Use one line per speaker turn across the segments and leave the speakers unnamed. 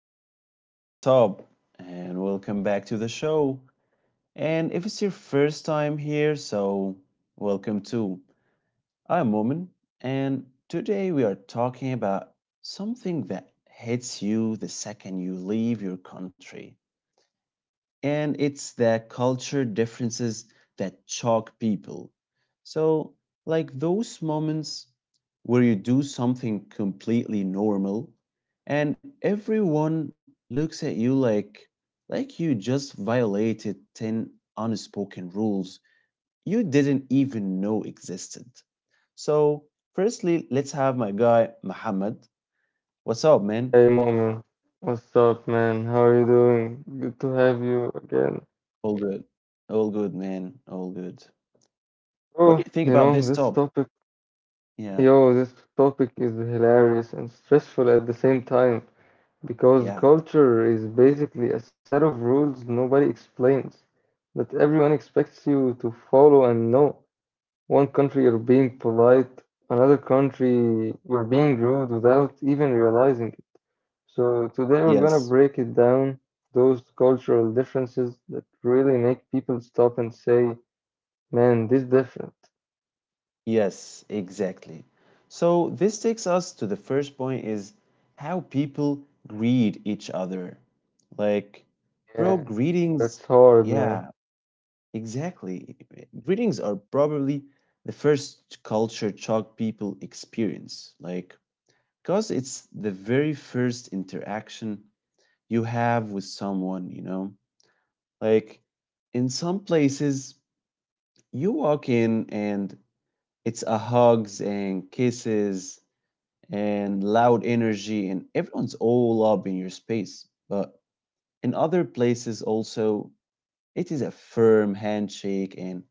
everyone, what's up? And welcome back to the show. And if it's your first time here, so welcome too. I'm Woman, and today we are talking about something that hits you the second you leave your country, and it's the culture differences that shock people. So, like those moments where you do something completely normal and everyone looks at you like you just violated 10 unspoken rules you didn't even know existed. So, firstly, let's have my guy Muhammad. What's up, man?
Hey Mu'min, what's up, man? How are you doing? Good to have you again.
All good. All good, man. All good.
Oh,
What do you
you
think about
know,
this
this
topic?
topic,
Yeah.
this topic is hilarious and stressful at the same time because
Yeah,
culture is basically a set of rules nobody explains, but everyone expects you to follow and know. One country you're being polite, another country you're being rude without even realizing it. So today we're gonna
yes,
break it down, those cultural differences that really make people stop and say, man, this different.
yes, exactly. So this takes us to the first point, is how people greet each other. Like, bro,
Yeah,
greetings,
that's hard, man.
yeah, exactly. Greetings are probably the first culture shock people experience. Like, because it's the very first interaction you have with someone, you know? Like, in some places, you walk in, and it's a hugs and kisses and loud energy, and everyone's all up in your space. But in other places, also, it is a firm handshake and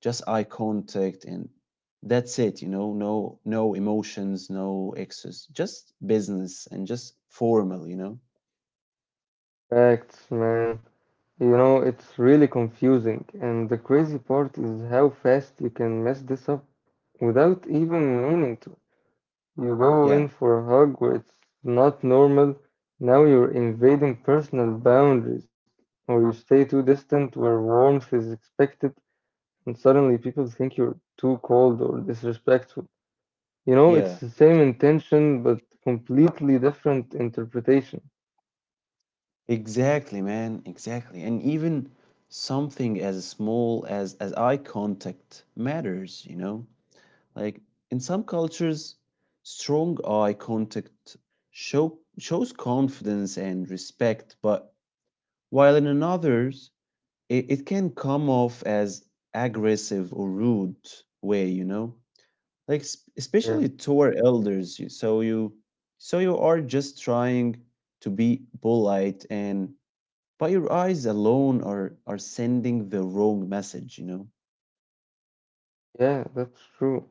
just eye contact, and that's it. You know, no, no emotions, no excess, just business and just formal. You know,
Facts, man. You know, it's really confusing. And the crazy part is how fast you can mess this up without even meaning to. You go
yeah,
in for a hug where it's not normal. Now you're invading personal boundaries, or you stay too distant where warmth is expected and suddenly people think you're too cold or disrespectful. You know, it's
yeah,
the same intention but completely different interpretation.
exactly, man, exactly, and even something as small as eye contact matters, you know. Like in some cultures, strong eye contact shows confidence and respect, but while in others, it can come off as aggressive or rude way, you know? Like
Yeah,
especially toward elders, so you are just trying to be polite, and by your eyes alone are sending the wrong message, you know?
yeah, that's true.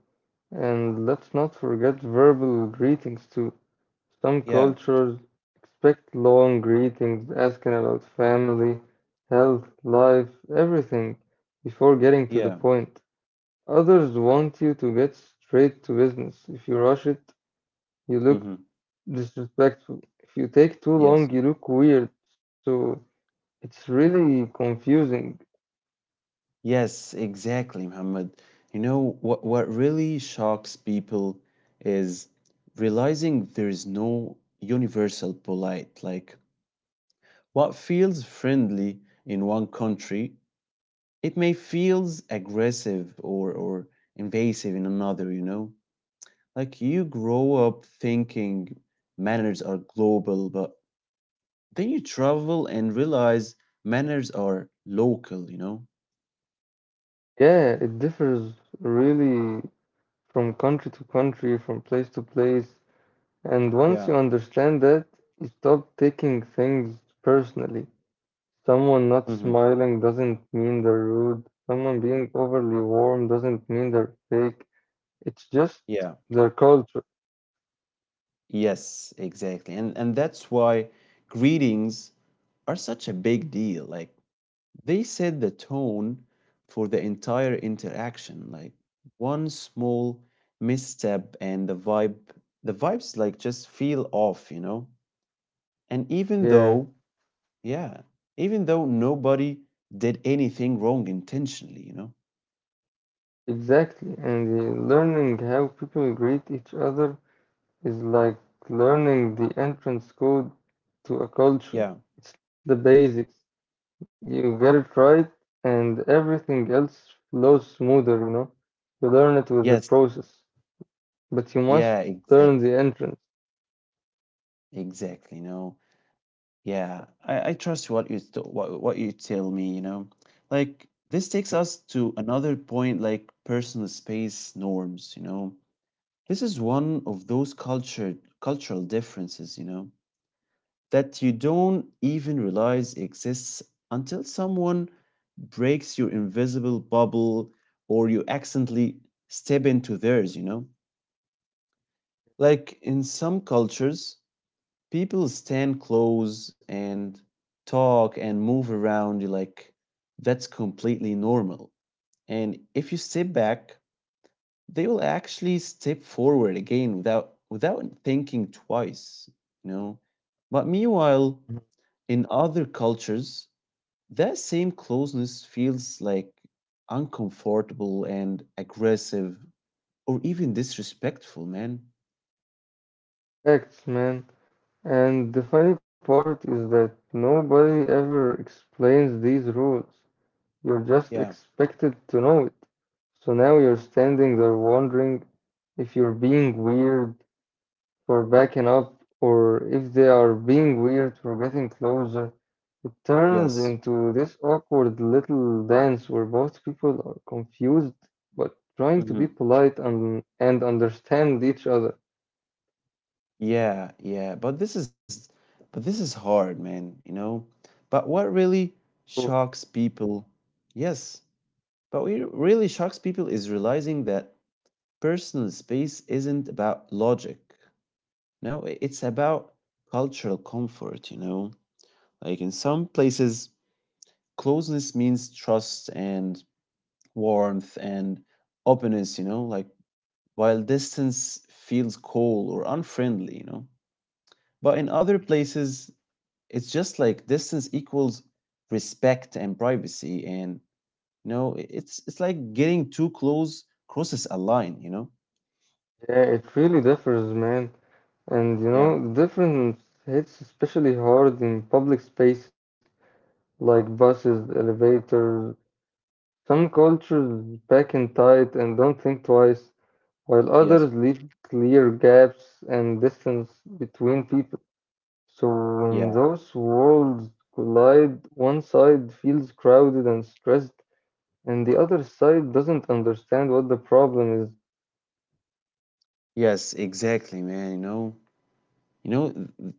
And let's not forget verbal greetings too. Some
Yeah,
cultures expect long greetings, asking about family, health, life, everything before getting to the
yeah.
point. Others want you to get straight to business. If you rush it, you look
Mm-hmm.
disrespectful. If you take too
Yes.
long, you look weird. So it's really confusing.
Yes, exactly, Muhammad. You know what really shocks people is realizing there is no universal polite. Like what feels friendly in one country, it may feels aggressive or invasive in another, you know? Like you grow up thinking manners are global, but then you travel and realize manners are local, you know?
Yeah, it differs really from country to country, from place to place. And once
Yeah.
you understand that, you stop taking things personally. Someone not
Hmm.
smiling doesn't mean they're rude. Someone being overly warm doesn't mean they're fake. It's just
Yeah.
their culture.
Yes, exactly. And that's why greetings are such a big deal. Like they set the tone for the entire interaction. Like one small misstep, and the vibes like just feel off, you know? And even
Yeah,
though, yeah, even though nobody did anything wrong intentionally, you know?
exactly. And learning how people greet each other is like learning the entrance code to a culture.
Yeah.
It's the basics. You get it right, and everything else flows smoother, you know. You learn it with the
Yes.
process, but you
Yeah,
must learn
exactly.
the entrance.
Exactly. No. Yeah, I trust what you tell me, you know. Like this takes us to another point, like personal space norms, you know. This is one of those culture cultural differences, you know, that you don't even realize exists until someone breaks your invisible bubble or you accidentally step into theirs, you know. Like in some cultures, people stand close and talk and move around you like that's completely normal. And if you step back, they will actually step forward again without thinking twice, you know. But meanwhile, in other cultures, that same closeness feels like uncomfortable and aggressive or even disrespectful, man.
Facts, man. And the funny part is that nobody ever explains these rules. You're just
Yeah.
expected to know it. So now you're standing there wondering if you're being weird for backing up, or if they are being weird for getting closer, it turns
Yes.
into this awkward little dance where both people are confused but trying to be polite and understand each other.
Yeah, yeah, but this is hard, man, you know. But what really
Oh.
shocks people, yes, but what really shocks people is realizing that personal space isn't about logic. No, it's about cultural comfort, you know. Like in some places, closeness means trust and warmth and openness, you know, like while distance feels cold or unfriendly, you know. But in other places, it's just like distance equals respect and privacy, and you know, it's like getting too close crosses a line, you know?
Yeah, it really differs, man. And you
Yeah.
know, the difference hits especially hard in public spaces like buses, elevators. Some cultures pack in tight and don't think twice, while others
Yes.
leave clear gaps and distance between people. So when
Yeah.
those worlds collide, one side feels crowded and stressed, and the other side doesn't understand what the problem is.
Yes, exactly, man. you know, th- th-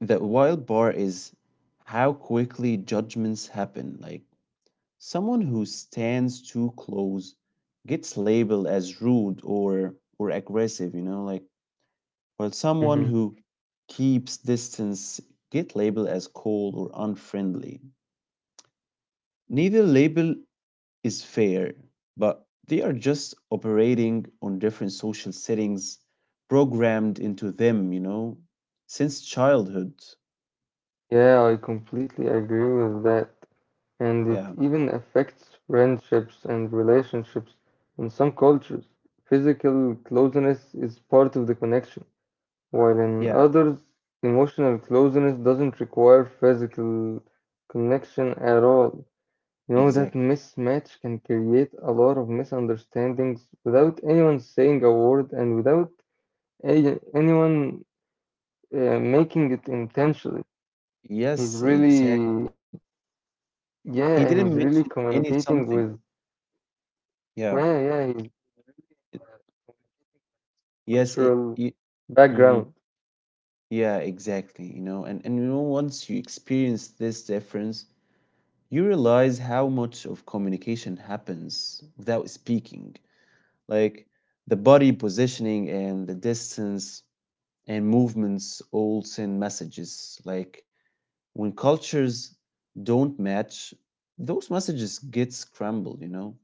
the wild part is how quickly judgments happen. Like someone who stands too close gets labeled as rude or aggressive, you know, like while someone
hmm
who keeps distance get labeled as cold or unfriendly. Neither label is fair, but they are just operating on different social settings programmed into them, you know, since childhood.
Yeah, I completely agree with that. And it
Yeah,
even affects friendships and relationships in some cultures. Physical closeness is part of the connection. While in
yeah,
others, emotional closeness doesn't require physical connection at all. You know, that
exactly.
mismatch can create a lot of misunderstandings without anyone saying a word and without anyone making it intentionally. He's
Yes, exactly.
really, yeah,
He
he's
didn't
really
mention any
communicating with,
something. Yeah.
yeah, he's
it- yes,
cultural
mhm.
background.
Yeah, exactly. You know, and you know, once you experience this difference, you realize how much of communication happens without speaking, like the body positioning and the distance and movements all send messages. Like when cultures don't match, those messages get scrambled, you know.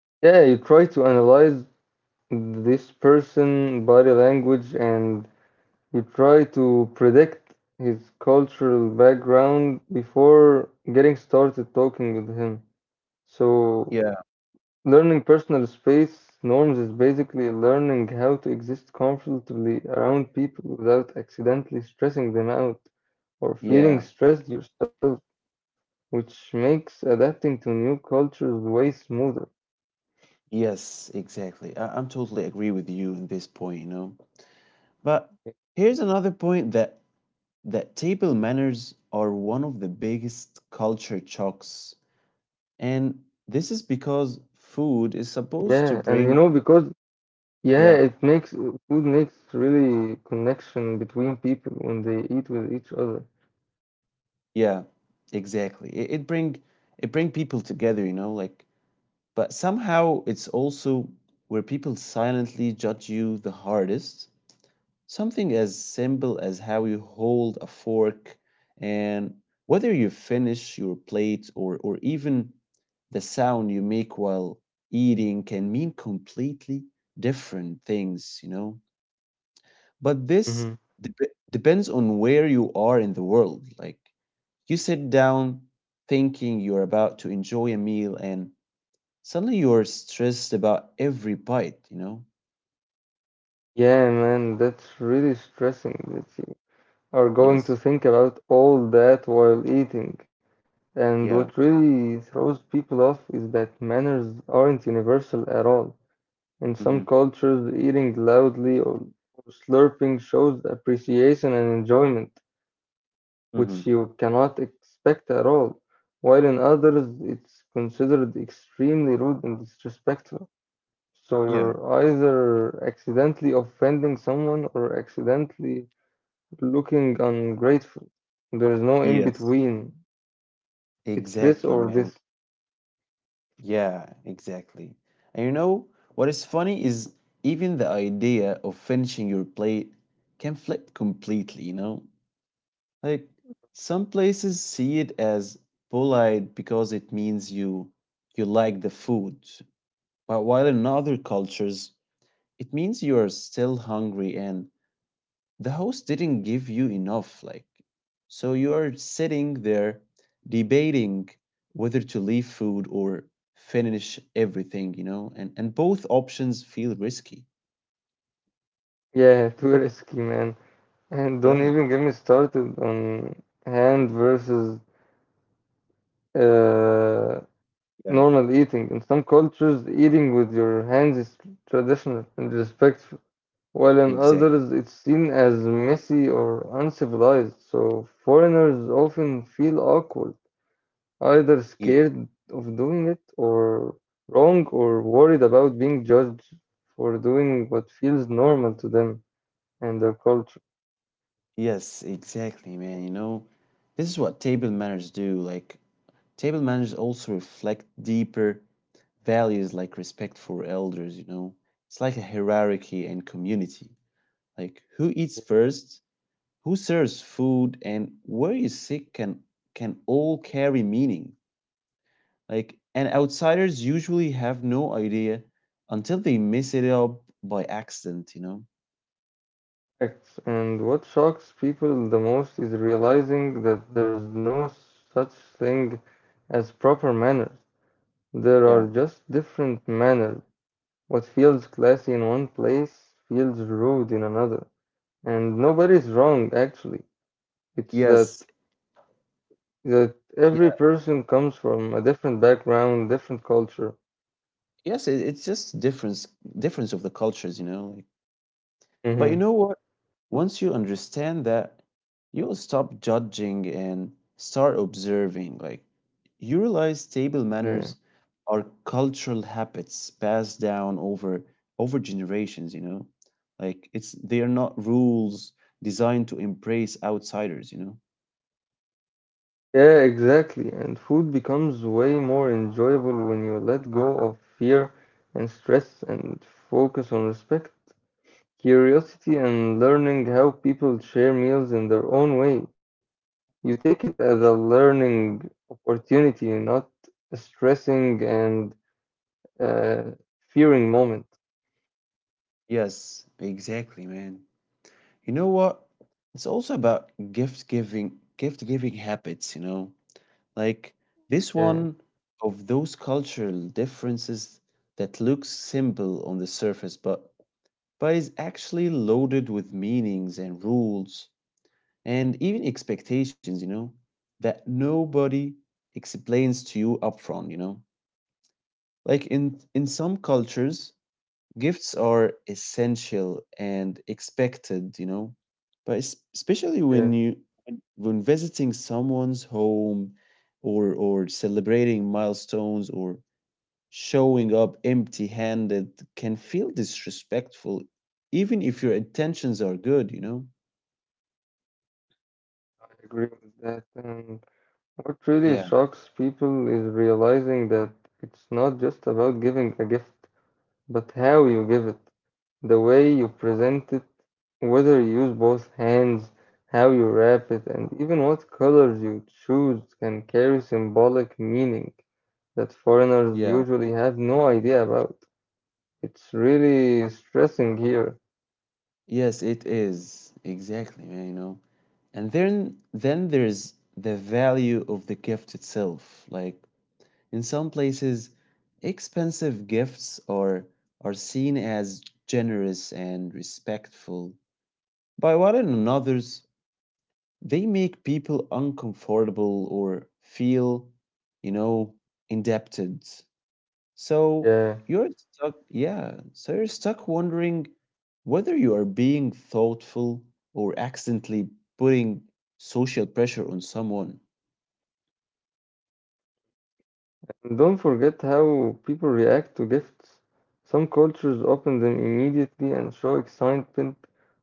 Yeah, you try to analyze this person body language and you try to predict his cultural background before getting started talking with him. So,
Yeah,
learning personal space norms is basically learning how to exist comfortably around people without accidentally stressing them out or
yeah,
feeling stressed yourself, which makes adapting to new cultures way smoother.
yes, exactly. I'm totally agree with you in this point, you know, but here's another point, that table manners are one of the biggest culture shocks. And this is because food is
Yeah,
supposed to
and you know,
bring,
because Yeah,
yeah,
it makes food makes really connection between people when they eat with each other.
yeah, exactly. It bring people together, you know, like, but somehow it's also where people silently judge you the hardest. Something as simple as how you hold a fork and whether you finish your plate or even the sound you make while eating can mean completely different things, you know? But
hmm
this dep depends on where you are in the world. Like, you sit down thinking you're about to enjoy a meal, and suddenly you're stressed about every bite, you know?
Yeah, man, that's really stressing that you are going
Yes.
to think about all that while eating. And what
Yeah.
really throws people off is that manners aren't universal at all. In some
Mm-hmm.
cultures, eating loudly or slurping shows appreciation and enjoyment, which
Mm-hmm.
you cannot expect at all, while in others it's considered extremely rude and disrespectful. So
Yeah.
you're either accidentally offending someone or accidentally looking ungrateful. There is no in
Yes.
between. It's this
Exactly,
or this.
man. Yeah, exactly. And you know what is funny is even the idea of finishing your plate can flip completely, you know? Like some places see it as polite because it means you like the food, but while in other cultures it means you are still hungry and the host didn't give you enough, like, so you are sitting there debating whether to leave food or finish everything, you know, and both options feel risky.
Yeah, too risky, man. And don't
Yeah,
even get me started on hand versus uh,
yeah,
normal eating. In some cultures, eating with your hands is traditional and respectful, while in
exactly.
others it's seen as messy or uncivilized, so foreigners often feel awkward, either scared
Yeah.
of doing it or wrong or worried about being judged for doing what feels normal to them and their culture.
Yes, exactly, man. You know, this is what table manners do. Like table manners also reflect deeper values like respect for elders, you know. It's like a hierarchy and community. Like who eats first, who serves food, and where you sit can all carry meaning. Like, and outsiders usually have no idea until they mess it up by accident, you know.
Acts. And what shocks people the most is realizing that there's no such thing as proper manners. There are
Yeah.
just different manners. What feels classy in one place feels rude in another. And nobody's wrong, actually. It's that
Yes.
that every
Yeah.
person comes from a different background, different culture.
Yes, it's just difference of the cultures, you know. Like, but you know
Hmm.
what? Once you understand that, you'll stop judging and start observing. Like, you realize table
Yeah.
manners are cultural habits passed down over generations, you know? Like it's they are not rules designed to embrace outsiders, you know?
Yeah, exactly. And food becomes way more enjoyable when you let go of fear and stress and focus on respect, curiosity, and learning how people share meals in their own way. You take it as a learning opportunity, not a stressing and uh, fearing moment.
Yes, exactly, man. You know what? It's also about gift giving habits, you know? Like this
Yeah,
one of those cultural differences that looks simple on the surface, but is actually loaded with meanings and rules and even expectations, you know, that nobody explains to you upfront, you know. Like in some cultures, gifts are essential and expected, you know, but especially when
yeah,
you when visiting someone's home or celebrating milestones, or showing up empty-handed can feel disrespectful even if your intentions are good, you know.
I agree with that. And what really
Yeah,
shocks people is realizing that it's not just about giving a gift, but how you give it, the way you present it, whether you use both hands, how you wrap it, and even what colors you choose can carry symbolic meaning that foreigners
yeah.
usually have no idea about. It's really stressing here.
Yes, it is. Exactly, man, you know. And then there's the value of the gift itself. Like in some places, expensive gifts are seen as generous and respectful, by while in others, they make people uncomfortable or feel, you know, indebted. So
Yeah.
you're stuck, yeah, so you're stuck wondering whether you are being thoughtful or accidentally putting social pressure on someone.
And don't forget how people react to gifts. Some cultures open them immediately and show excitement,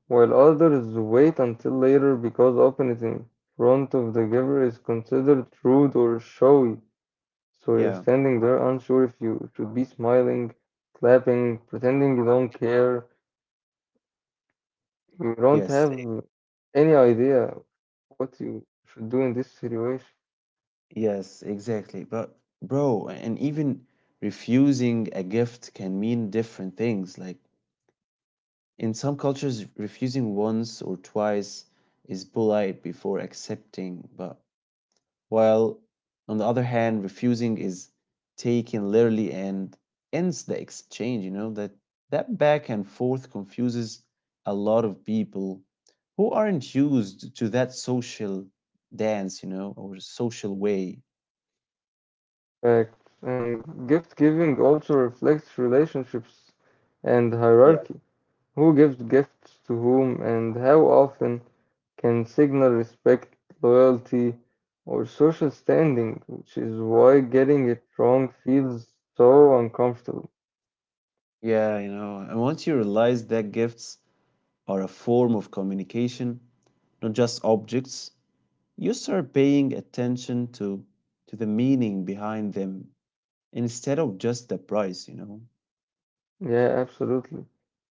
while others wait until later because opening it in front of the giver is considered rude or showy. So you're
Yeah.
standing there unsure if you should be smiling, clapping, pretending you don't care. You don't
Yes,
have any idea what you should do in this situation.
yes, exactly. But, bro, and even refusing a gift can mean different things. Like in some cultures, refusing once or twice is polite before accepting, but while on the other hand, refusing is taken literally and ends the exchange, you know. That that back and forth confuses a lot of people who aren't used to that social dance, you know, or social way.
Correct. And gift giving also reflects relationships and hierarchy. Who gives gifts to whom and how often can signal respect, loyalty, or social standing, which is why getting it wrong feels so uncomfortable.
Yeah, you know, and once you realize that gifts are a form of communication, not just objects, you start paying attention to the meaning behind them instead of just the price, you know.
Yeah, absolutely.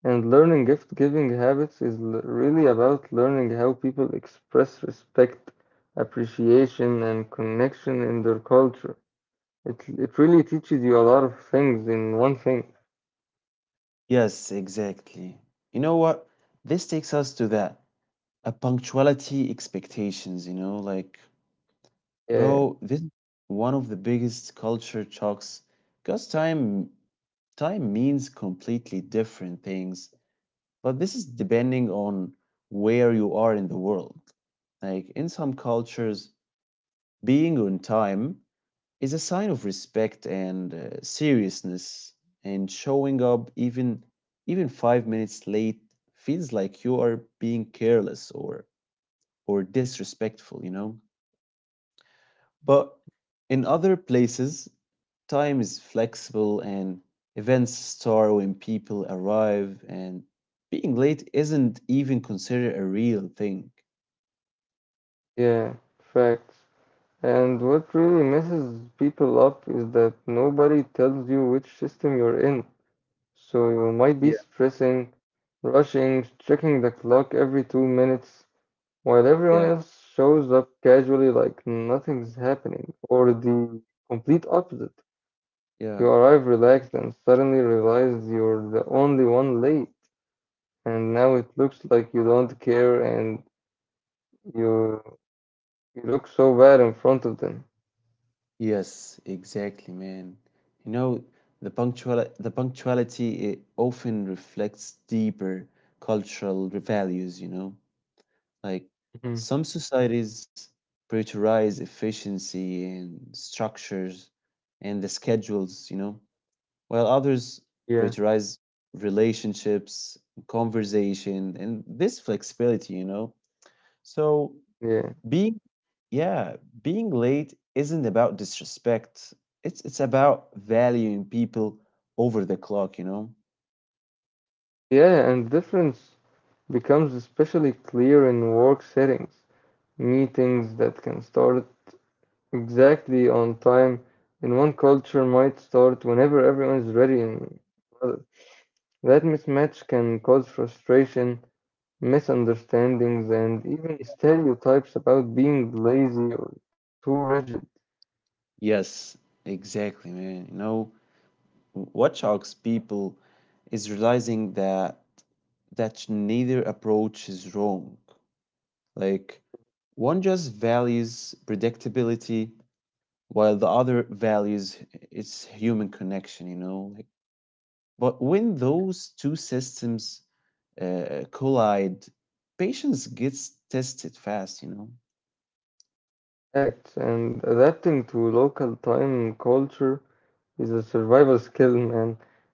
And learning gift giving habits is really about learning how people express respect, appreciation, and connection in their culture. It really teaches you a lot of things in one thing.
Yes, exactly. You know what? This takes us to that a punctuality expectations, you know, like,
Yeah,
bro, this is one of the biggest culture shocks because time means completely different things. But this is depending on where you are in the world. Like in some cultures, being on time is a sign of respect and seriousness, and showing up even 5 minutes late feels like you are being careless or disrespectful, you know? But in other places, time is flexible and events start when people arrive, and being late isn't even considered a real thing.
yeah, facts. And what really messes people up is that nobody tells you which system you're in. So you might be
Yeah.
stressing, rushing, checking the clock every 2 minutes, while everyone
Yeah,
else shows up casually like nothing's happening, or the complete opposite. You
yeah.
arrive relaxed and suddenly realize you're the only one late, and now it looks like you don't care and You you look so bad in front of them.
Yes, exactly, man. You know, the punctuality it often reflects deeper cultural values, you know. Like
Mhm.
some societies prioritize efficiency and structures and the schedules, you know, while others
Yeah,
prioritize relationships, conversation, and this flexibility, you know. So
yeah,
being, yeah, being late isn't about disrespect. It's about valuing people over the clock, you know.
yeah, and the difference becomes especially clear in work settings. Meetings that can start exactly on time in one culture might start whenever everyone is ready in another. That mismatch can cause frustration, misunderstandings, and even stereotypes about being lazy or too rigid.
Yes, exactly, man. You know, what shocks people is realizing that neither approach is wrong. Like one just values predictability while the other values its human connection, you know? Like, but when those two systems collide, patience gets tested fast, you know?
Acts, and adapting to local time culture is a survival skill, man.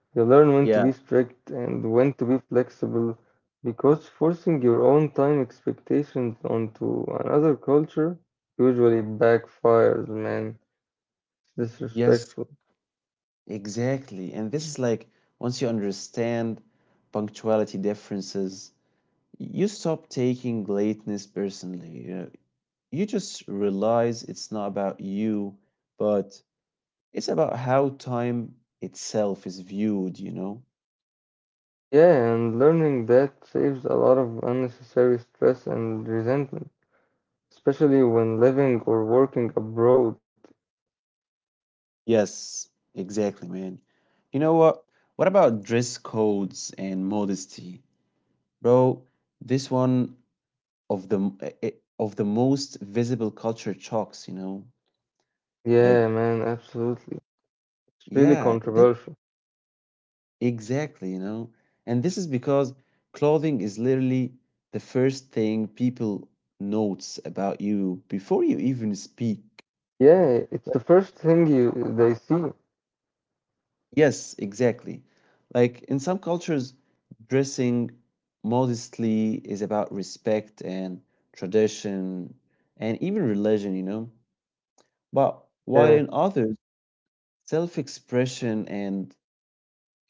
You learn when to
Yeah.
be strict and when to be flexible because forcing your own time expectations onto another culture usually backfires, man. It's disrespectful.
Yes, exactly. And this is like once you understand punctuality differences, you stop taking lateness personally. You know, you just realize it's not about you, but it's about how time itself is viewed, you know?
Yeah, and learning that saves a lot of unnecessary stress and resentment, especially when living or working abroad.
Yes, exactly, man. You know what? What about dress codes and modesty? Bro, this one of the of the most visible culture shocks, you know? Like,
Yeah, man, absolutely. It's really
yeah, this,
controversial.
exactly, you know? And this is because clothing is literally the first thing people notes about you before you even speak.
Yeah,
Like,
it's the first thing you they see.
yes, exactly. Like in some cultures, dressing modestly is about respect and tradition and even religion, you know? But while
Yeah,
in others, self expression and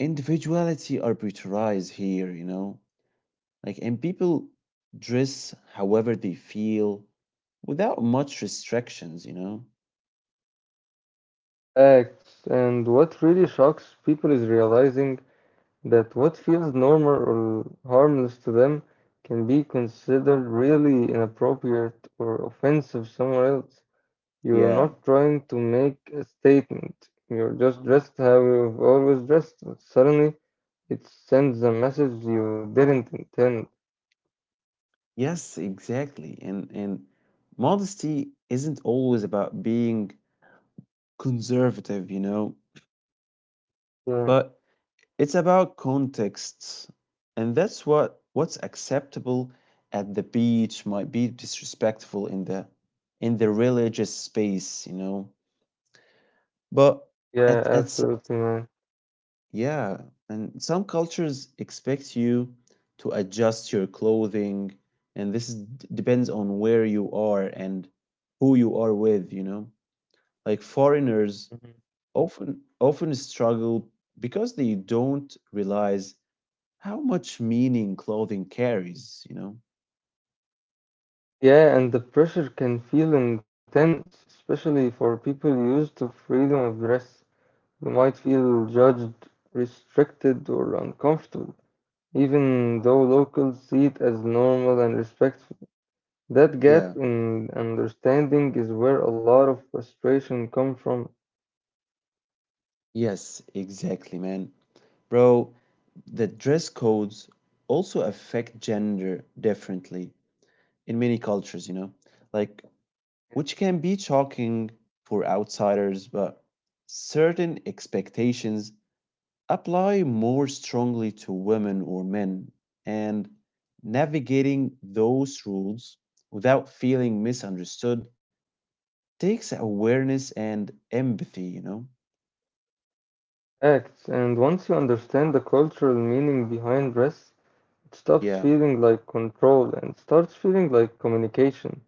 individuality arbitrarized here, you know? Like, and people dress however they feel without much restrictions, you know?
acts. And what really shocks people is realizing that what feels normal or harmless to them can be considered really inappropriate or offensive somewhere else.
Yeah.
You're not trying to make a statement. You're just dressed how you've always dressed, but suddenly it sends a message you didn't intend.
Yes, exactly. And modesty isn't always about being conservative, you know,
Yeah,
but it's about contexts. And that's what's acceptable at the beach might be disrespectful in the religious space, you know. But
yeah,
at at s-
absolutely, man.
Yeah, and some cultures expect you to adjust your clothing, and this is, depends on where you are and who you are with, you know? Like foreigners often struggle because they don't realize how much meaning clothing carries, you know?
Yeah, and the pressure can feel intense, especially for people used to freedom of dress. You might feel judged, restricted, or uncomfortable, even though locals see it as normal and respectful. That gap
Yeah.
in understanding is where a lot of frustration comes from.
Yes, exactly, man. Bro, the dress codes also affect gender differently in many cultures, you know? Like which can be shocking for outsiders, but certain expectations apply more strongly to women or men, and navigating those rules without feeling misunderstood takes awareness and empathy, you know?
Acts, and once you understand the cultural meaning behind dress, it stops
Yeah,
feeling like control and starts feeling like communication.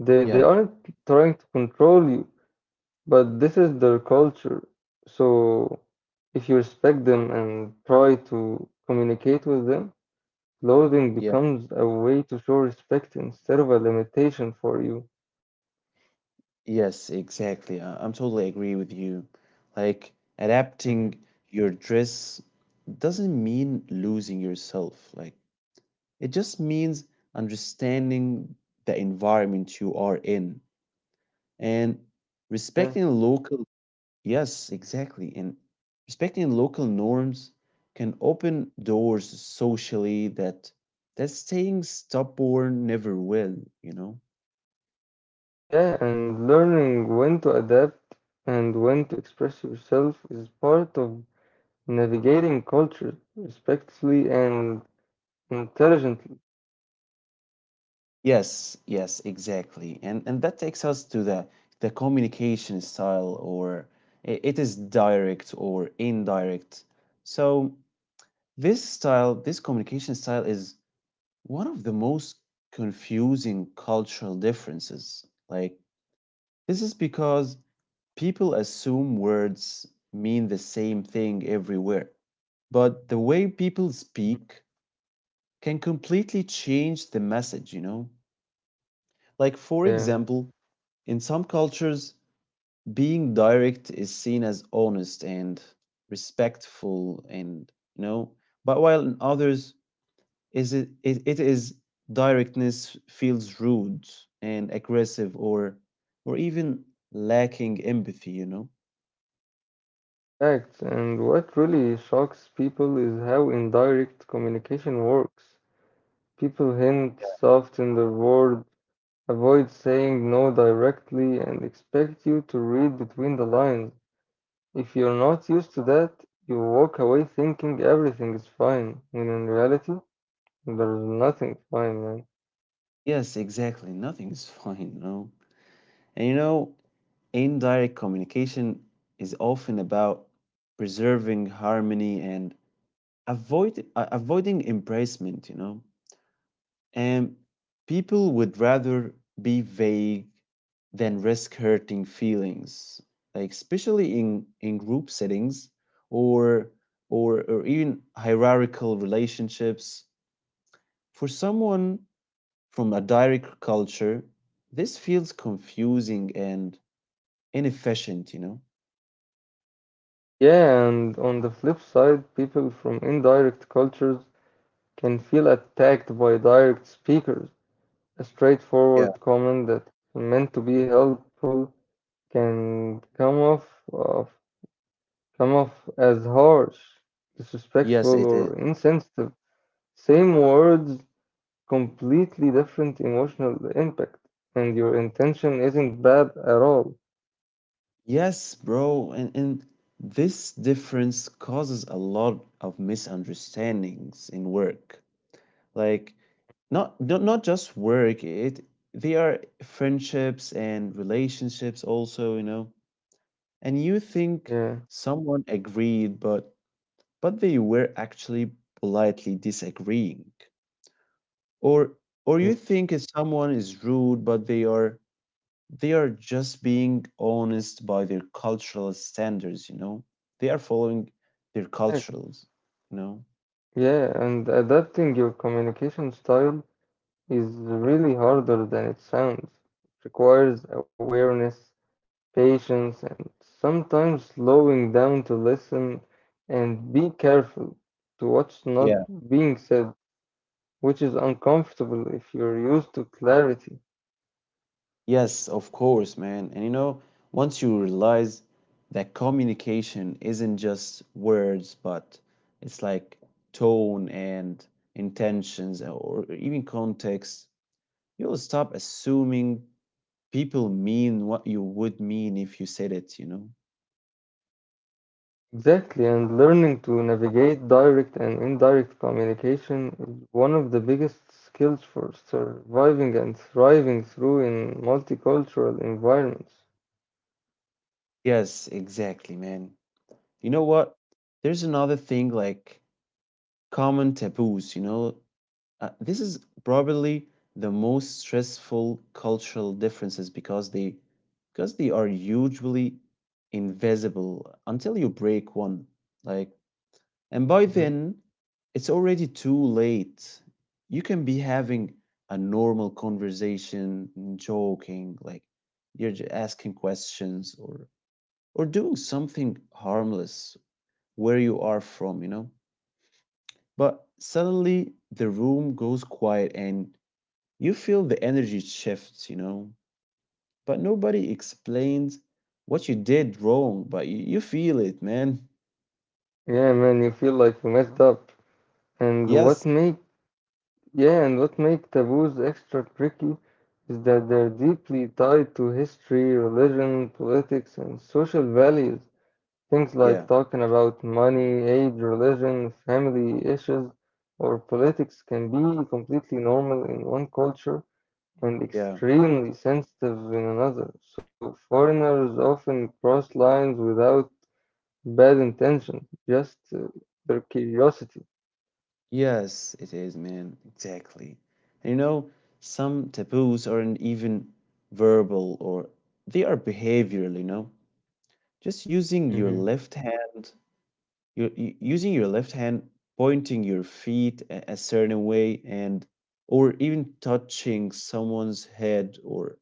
They
yeah,
aren't trying to control you. But this is their culture. So if you respect them and try to communicate with them, clothing
yeah.
becomes a way to show respect instead of a limitation for you.
Yes, exactly. I'm totally agree with you. Like
Mhm.
adapting your dress doesn't mean losing yourself. Like it just means understanding the environment you are in and
Yeah.
respecting local, yes, exactly. And respecting local norms can open doors socially that staying stubborn never will, you know?
Yeah, and learning when to adapt and when to express yourself is part of navigating culture respectfully and intelligently.
Yes, yes, exactly. And that takes us to the communication style or it is direct or indirect. So this style, this communication style is one of the most confusing cultural differences, like this is because people assume words mean the same thing everywhere, but the way people speak can completely change the message, you know? Like, for
Yeah,
example, in some cultures, being direct is seen as honest and respectful and you know, but while in others, is it, it it is directness feels rude and aggressive or even lacking empathy, you know.
facts. And what really shocks people is how indirect communication works. People hint soft in their word, avoid saying no directly, and expect you to read between the lines. If you're not used to that, you walk away thinking everything is fine, when in reality, there's nothing fine, man.
Yes, exactly, nothing is fine, you know. And you know, indirect communication is often about preserving harmony and avoiding embracement, you know. And people would rather be vague than risk hurting feelings, like especially in group settings or, or even hierarchical relationships. For someone from a direct culture, this feels confusing and inefficient, you know?
Yeah, and on the flip side, people from indirect cultures can feel attacked by direct speakers. A
Yeah.
straightforward comment that's meant to be helpful can uh, come off as harsh,
Yes, it
disrespectful,
is.
or insensitive. Same words, completely different emotional impact, and your intention isn't bad at all.
Yes, bro. And this difference causes a lot of misunderstandings in work. Like, not just work, it they are friendships and relationships also, you know. And you think
Yeah,
someone agreed, but they were actually politely disagreeing, or or
yeah,
you think if someone is rude but they are just being honest by their cultural standards, you know. They are following their
correct.
cultures, you know.
Yeah, and adapting your communication style is really harder than it sounds. It requires awareness, patience, and sometimes slowing down to listen and be careful to what's not being said, which is uncomfortable if you're used to clarity.
Yes, of course, man. And you know, once you realize that communication isn't just words, but it's like tone and intentions or even context, you'll stop assuming people mean what you would mean if you said it, you know?
Exactly, and learning to navigate direct and indirect communication is one of the biggest skills for surviving and thriving through in multicultural environments.
Yes, exactly, man. You know what? There's another thing like common taboos, you know? This is probably the most stressful cultural differences because they are usually invisible until you break one. Like, and by
Mhm.
then, it's already too late. You can be having a normal conversation, joking, like you're asking questions or doing something harmless where you are from, you know. But suddenly the room goes quiet and you feel the energy shifts, you know, but nobody explains what you did wrong, but you feel it, man.
Yeah, man, you feel like you messed up. And what
Yes,
make yeah, and what make taboos extra tricky is that they're deeply tied to history, religion, politics, and social values. Things like
yeah,
talking about money, age, religion, family issues, or politics can be completely normal in one culture and
yeah.
extremely sensitive in another. So foreigners often cross lines without bad intention, just their curiosity.
Yes, it is, man. Exactly. And you know, some taboos aren't even verbal or they are behavioral, you know. Just using your
Hmm.
left hand, your using your left hand, pointing your feet a certain way and or even touching someone's head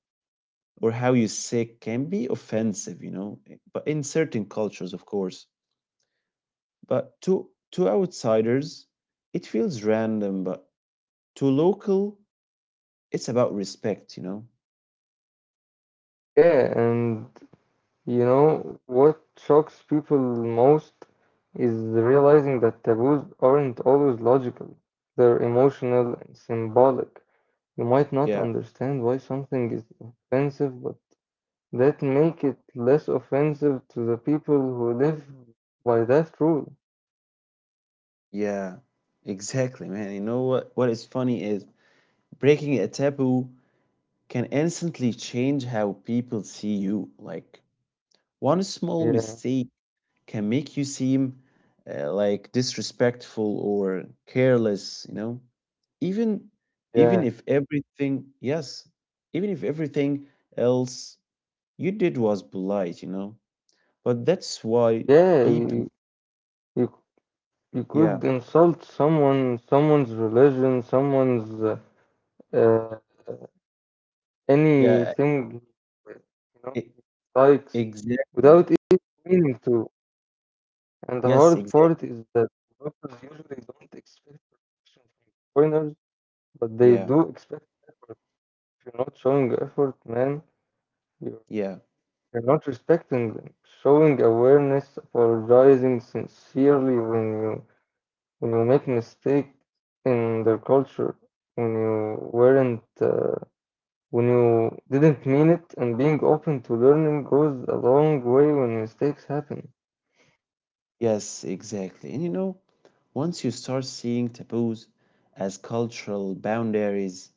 or how you say can be offensive, you know, but in certain cultures, of course. But to outsiders, it feels random, but to local, it's about respect, you know.
Yeah, and you know what shocks people most is realizing that taboos aren't always logical. They're emotional and symbolic. You might not
Yeah,
understand why something is offensive, but that make it less offensive to the people who live by that rule.
yeah, exactly, man. You know what? What is funny is breaking a taboo can instantly change how people see you. Like one small
Yeah,
mistake can make you seem like disrespectful or careless, you know? Even even
yeah,
if everything, yes, if everything else you did was polite, you know? But that's why
yeah. You
people,
you, you could
yeah,
insult someone, someone's religion, someone's uh,
yeah,
anything you know
e-
likes
exactly.
without even meaning to. And the hard
Yes,
part
exactly.
is that developers usually don't expect perfection from foreigners, but they
Yeah,
do expect. If you're not showing effort, man, you're,
yeah.
you're not respecting them. Showing awareness, apologizing sincerely when you make mistake in their culture, when you weren't when you didn't mean it, and being open to learning goes a long way when mistakes happen.
Yes, exactly. And you know, once you start seeing taboos as cultural boundaries,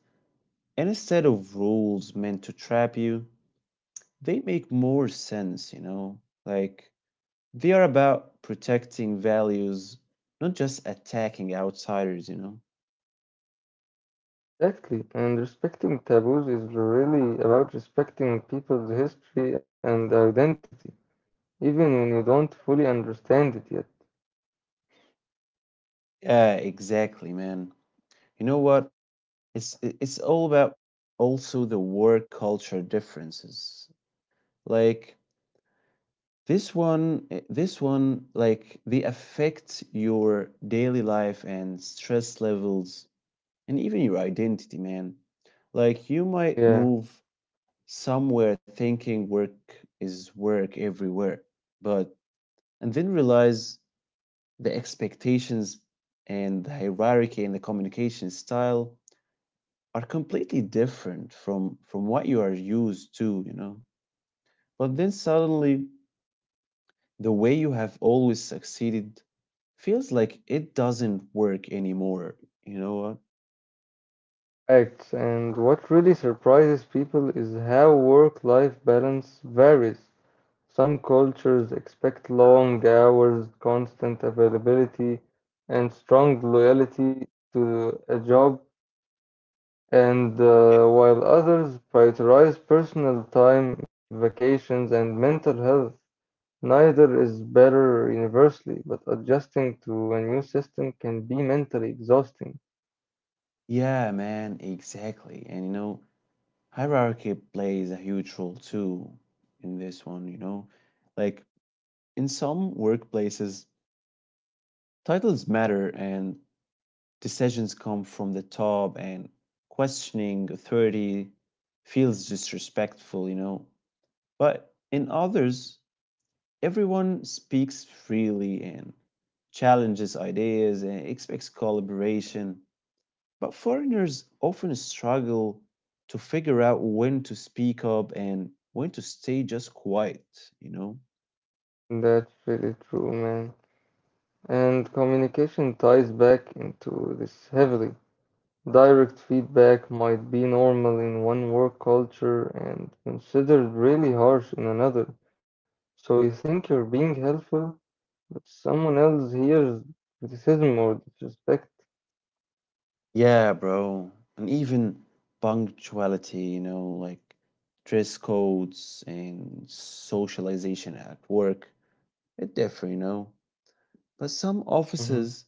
and instead of rules meant to trap you, they make more sense, you know? Like, they are about protecting values, not just attacking outsiders, you know?
Exactly, and respecting taboos is really about respecting people's history and identity, even when you don't fully understand it yet.
Yeah, exactly, man. You know what? It's it's all about also the work culture differences. Like this one, like they affect your daily life and stress levels and even your identity, man, like you might
Yeah.
move somewhere thinking work is work everywhere. But and then realize the expectations and the hierarchy and the communication style are completely different from what you are used to, you know. But then suddenly the way you have always succeeded feels like it doesn't work anymore. You know what?
Facts. And what really surprises people is how work-life balance varies. Some cultures expect long hours, constant availability, and strong loyalty to a job, and while others prioritize personal time, vacations, and mental health. Neither is better universally, but adjusting to a new system can be mentally exhausting.
Yeah, man, exactly. And you know, hierarchy plays a huge role too in this one, you know? Like in some workplaces, titles matter and decisions come from the top, and questioning authority feels disrespectful, you know. But in others, everyone speaks freely and challenges ideas and expects collaboration. But foreigners often struggle to figure out when to speak up and when to stay just quiet, you know?
That's really true, man. And communication ties back into this heavily. Direct feedback might be normal in one work culture and considered really harsh in another. So you think you're being helpful, but someone else hears criticism or disrespect.
Yeah, bro. And even punctuality, you know, like dress codes and socialization at work, it differ, you know. But some
Hmm.
offices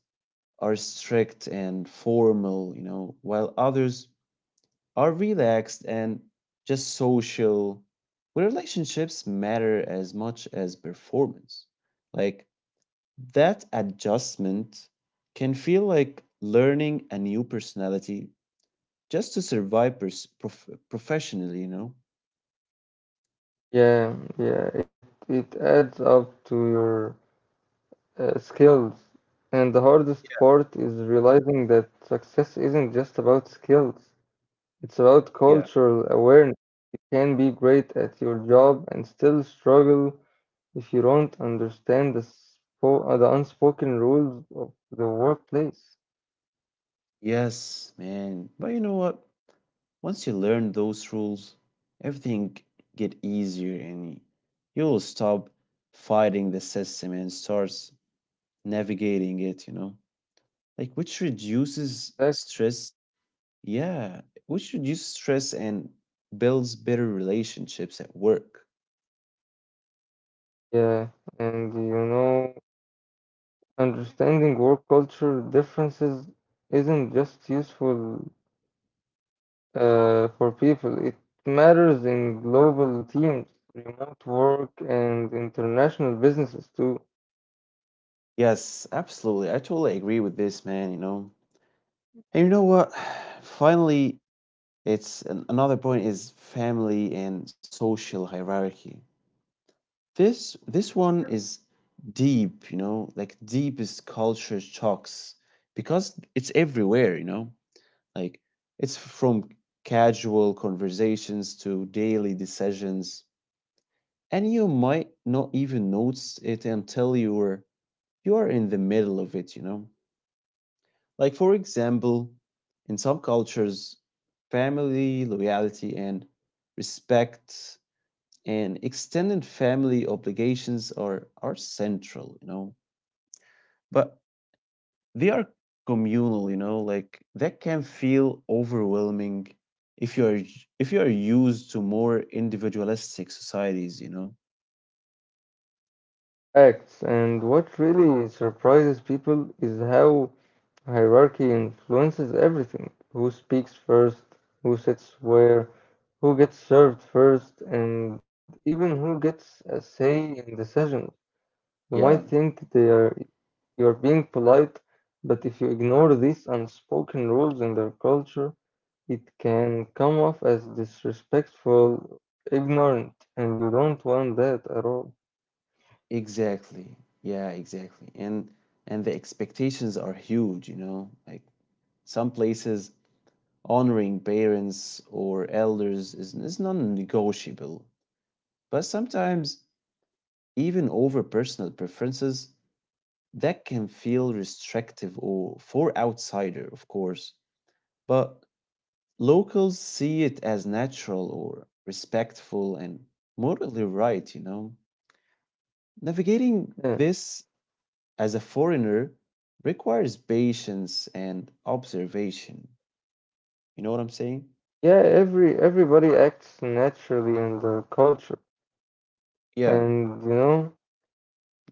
are strict and formal, you know, while others are relaxed and just social. Where relationships matter as much as performance. Like that adjustment can feel like learning a new personality just to survive professionally, you know?
Yeah, yeah, it adds up to your skills. And the hardest part is realizing that success isn't just about skills, it's about
Yeah.
cultural awareness. Can be great at your job and still struggle if you don't understand the unspoken rules of the workplace.
Yes, man. But you know what? Once you learn those rules, everything get easier and you'll stop fighting the system and starts navigating it, you know? Like which reduces
Exactly.
stress. Yeah, which reduces stress and builds better relationships at work.
Yeah, and you know, understanding work culture differences isn't just useful for people, it matters in global teams, remote work, and international businesses too.
Yes, absolutely. I totally agree with this, man, you know. And you know what? Finally, it's an, another point is family and social hierarchy. This one is deep, you know, like deepest culture shocks because it's everywhere, you know. Like it's from casual conversations to daily decisions, and you might not even notice it until you're in the middle of it, you know. Like for example, in some cultures, family loyalty and respect and extended family obligations are central, you know. But they are communal, you know, like that can feel overwhelming if you are if you are used to more individualistic societies, you know.
Acts and what really surprises people is how hierarchy influences everything. Who speaks first, who sits where, who gets served first, and even who gets a say in decisions. You might
Yeah,
think they are you are being polite, but if you ignore these unspoken rules in their culture, it can come off as disrespectful, ignorant, and you don't want that at all.
exactly. Yeah, exactly. And the expectations are huge, you know. Like some places honoring parents or elders is non-negotiable, but sometimes even over personal preferences, that can feel restrictive or for outsider, of course. But locals see it as natural or respectful and morally right, you know. Navigating
Yeah,
this as a foreigner requires patience and observation. You know what I'm saying?
yeah, everybody acts naturally in their culture,
Yeah,
and you know.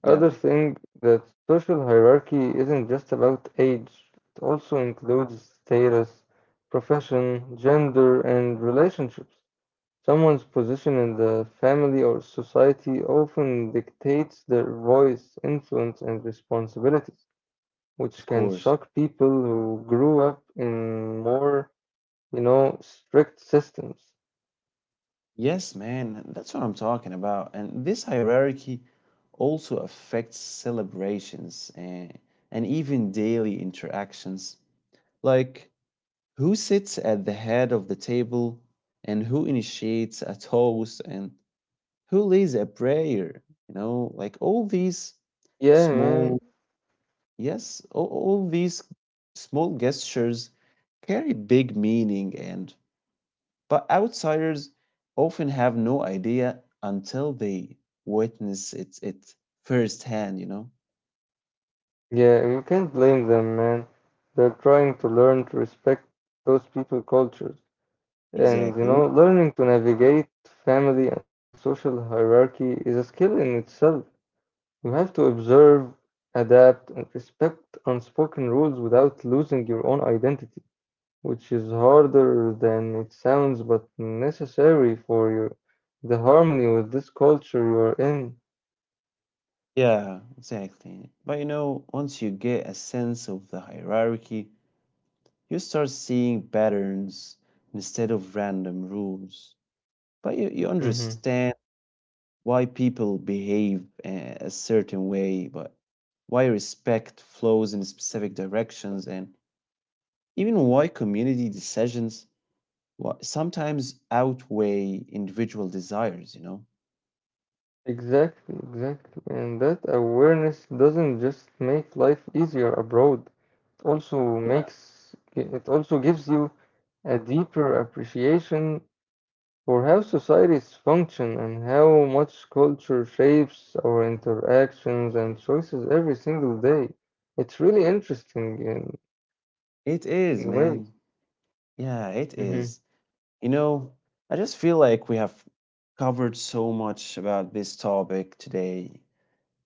yeah,
Other thing that social hierarchy isn't just about age, it also includes status, profession, gender, and relationships. Someone's position in the family or society often dictates their voice, influence, and responsibilities, which
of
can
course.
shock people who grew up in more, you know, strict systems.
Yes, man, that's what I'm talking about. And this hierarchy also affects celebrations and even daily interactions. Like, who sits at the head of the table and who initiates a toast and who leads a prayer? You know, like all these
Yeah, man.
small, yes, all these small gestures carry big meaning and but outsiders often have no idea until they witness it firsthand, you know?
Yeah, you can't blame them, man. They're trying to learn to respect those people cultures. And you
Exactly.
know,
We,
learning to navigate family and social hierarchy is a skill in itself. You have to observe, adapt, and respect unspoken rules without losing your own identity, which is harder than it sounds, but necessary for your the harmony with this culture you are
yeah, exactly. But you know, once you get a sense of the hierarchy, you start seeing patterns instead of random rules. But you
in.
understand why people behave a certain way, but why respect flows in specific directions, and even why community decisions sometimes outweigh individual desires, you know?
Exactly, exactly. And that awareness doesn't just make life easier abroad. It also
Yeah.
makes it also gives you a deeper appreciation for how societies function and how much culture shapes our interactions and choices every single day. It's really interesting
It is,
in
man.
ways.
Yeah, it is.
Hmm.
You know, I just feel like we have covered so much about this topic today.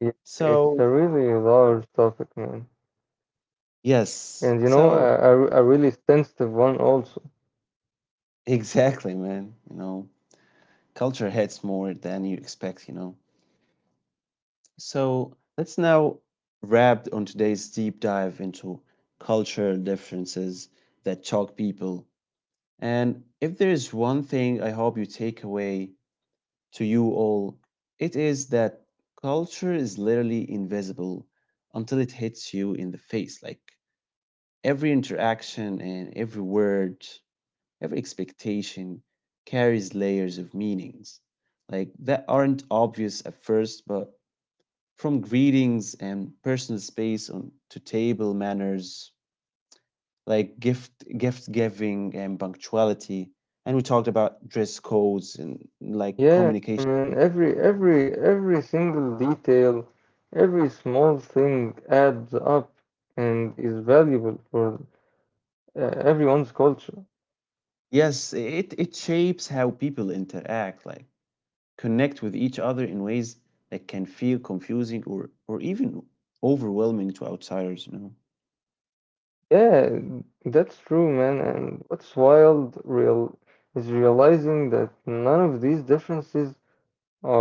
Yeah, it's
So,
a really large topic, man.
yes.
And you know, a,
So,
a, a really sensitive one also.
exactly, man. You know, culture hits more than you expect, you know. So, let's now wrap on today's deep dive into cultural differences that shock people. And if there's one thing I hope you take away to you all, it is that culture is literally invisible until it hits you in the face. Like every interaction and every word, every expectation carries layers of meanings, like that aren't obvious at first, but from greetings and personal space on to table manners like gift giving and punctuality and we talked about dress codes and like
Yeah,
communication,
man, every single detail, every small thing adds up and is valuable for uh, everyone's culture.
yes, it shapes how people interact, like connect with each other in ways that can feel confusing or even overwhelming to outsiders, you know.
Yeah, that's true, man. And what's wild real is realizing that none of these differences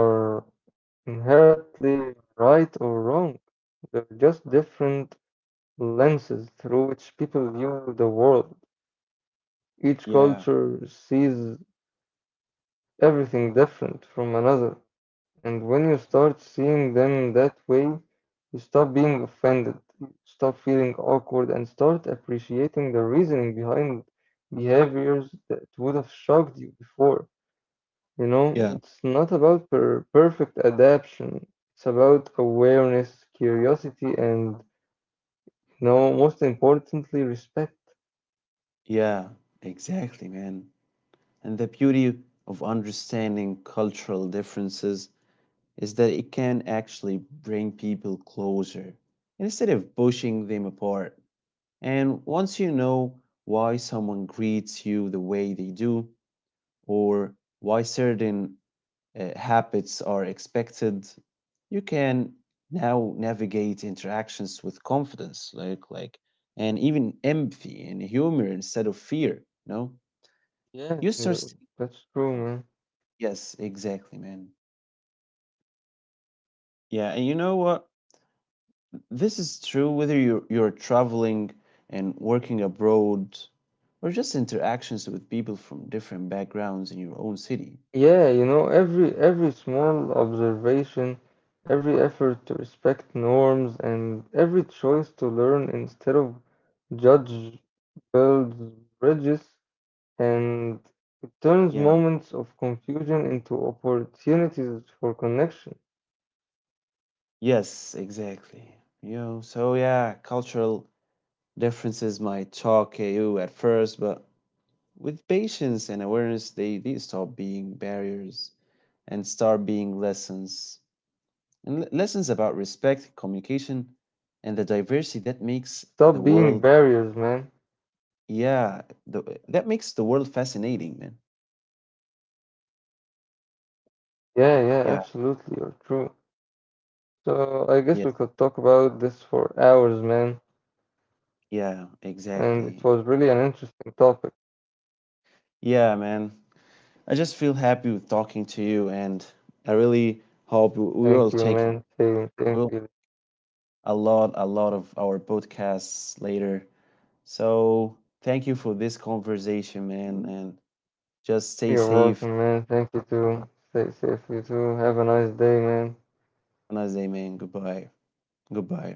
are inherently right or wrong. They're just different lenses through which people view the world. Each
Yeah,
culture sees everything different from another. And when you start seeing them that way, you stop being offended, you stop feeling awkward, and start appreciating the reasoning behind behaviors that would have shocked you before. You know,
yeah,
it's not about perfect adaptation, it's about awareness, curiosity, and, you know, most importantly, respect.
yeah, exactly, man. And the beauty of understanding cultural differences is that it can actually bring people closer instead of pushing them apart. And once you know why someone greets you the way they do, or why certain habits are expected, you can now navigate interactions with confidence, and even empathy and humor instead of fear. No,
Yeah,
you
uh,
start.
that's true, man.
Yes, exactly, man. Yeah, and you know what? This is true whether you're traveling and working abroad or just interactions with people from different backgrounds in your own city. Like,
Yeah, you know, every small observation, every effort to respect norms, and every choice to learn instead of judge builds bridges and it turns
yeah,
moments of confusion into opportunities for connection.
yes, exactly. You know, so yeah, cultural differences might shock you at first, but with
Yeah,
patience and
culture
awareness,
differences
they
might
stop
shock
being
you at
barriers
first, but with
and start
patience
being
and
lessons.
awareness,
And
you know,
lessons about
they
respect, communication,
stop being
and the
barriers,
diversity
man.
that makes the world. Yeah, that makes the world fascinating, man.
Yeah, yeah, absolutely, you're true.
Yeah,
So I guess we could talk about this
yes,
for hours, man. And it
yeah,
was really an
exactly.
interesting topic.
Yeah, man. I just feel happy with talking to you, and I really
Thank you,
hope we
man.
will take
Same, thank you.
will a lot of our podcasts later. So thank you for this conversation, man, and just
You're
stay safe.
welcome, man. Thank you too. Stay safe, you too. Have a nice day, man.
Have a nice day, man. Goodbye. Goodbye.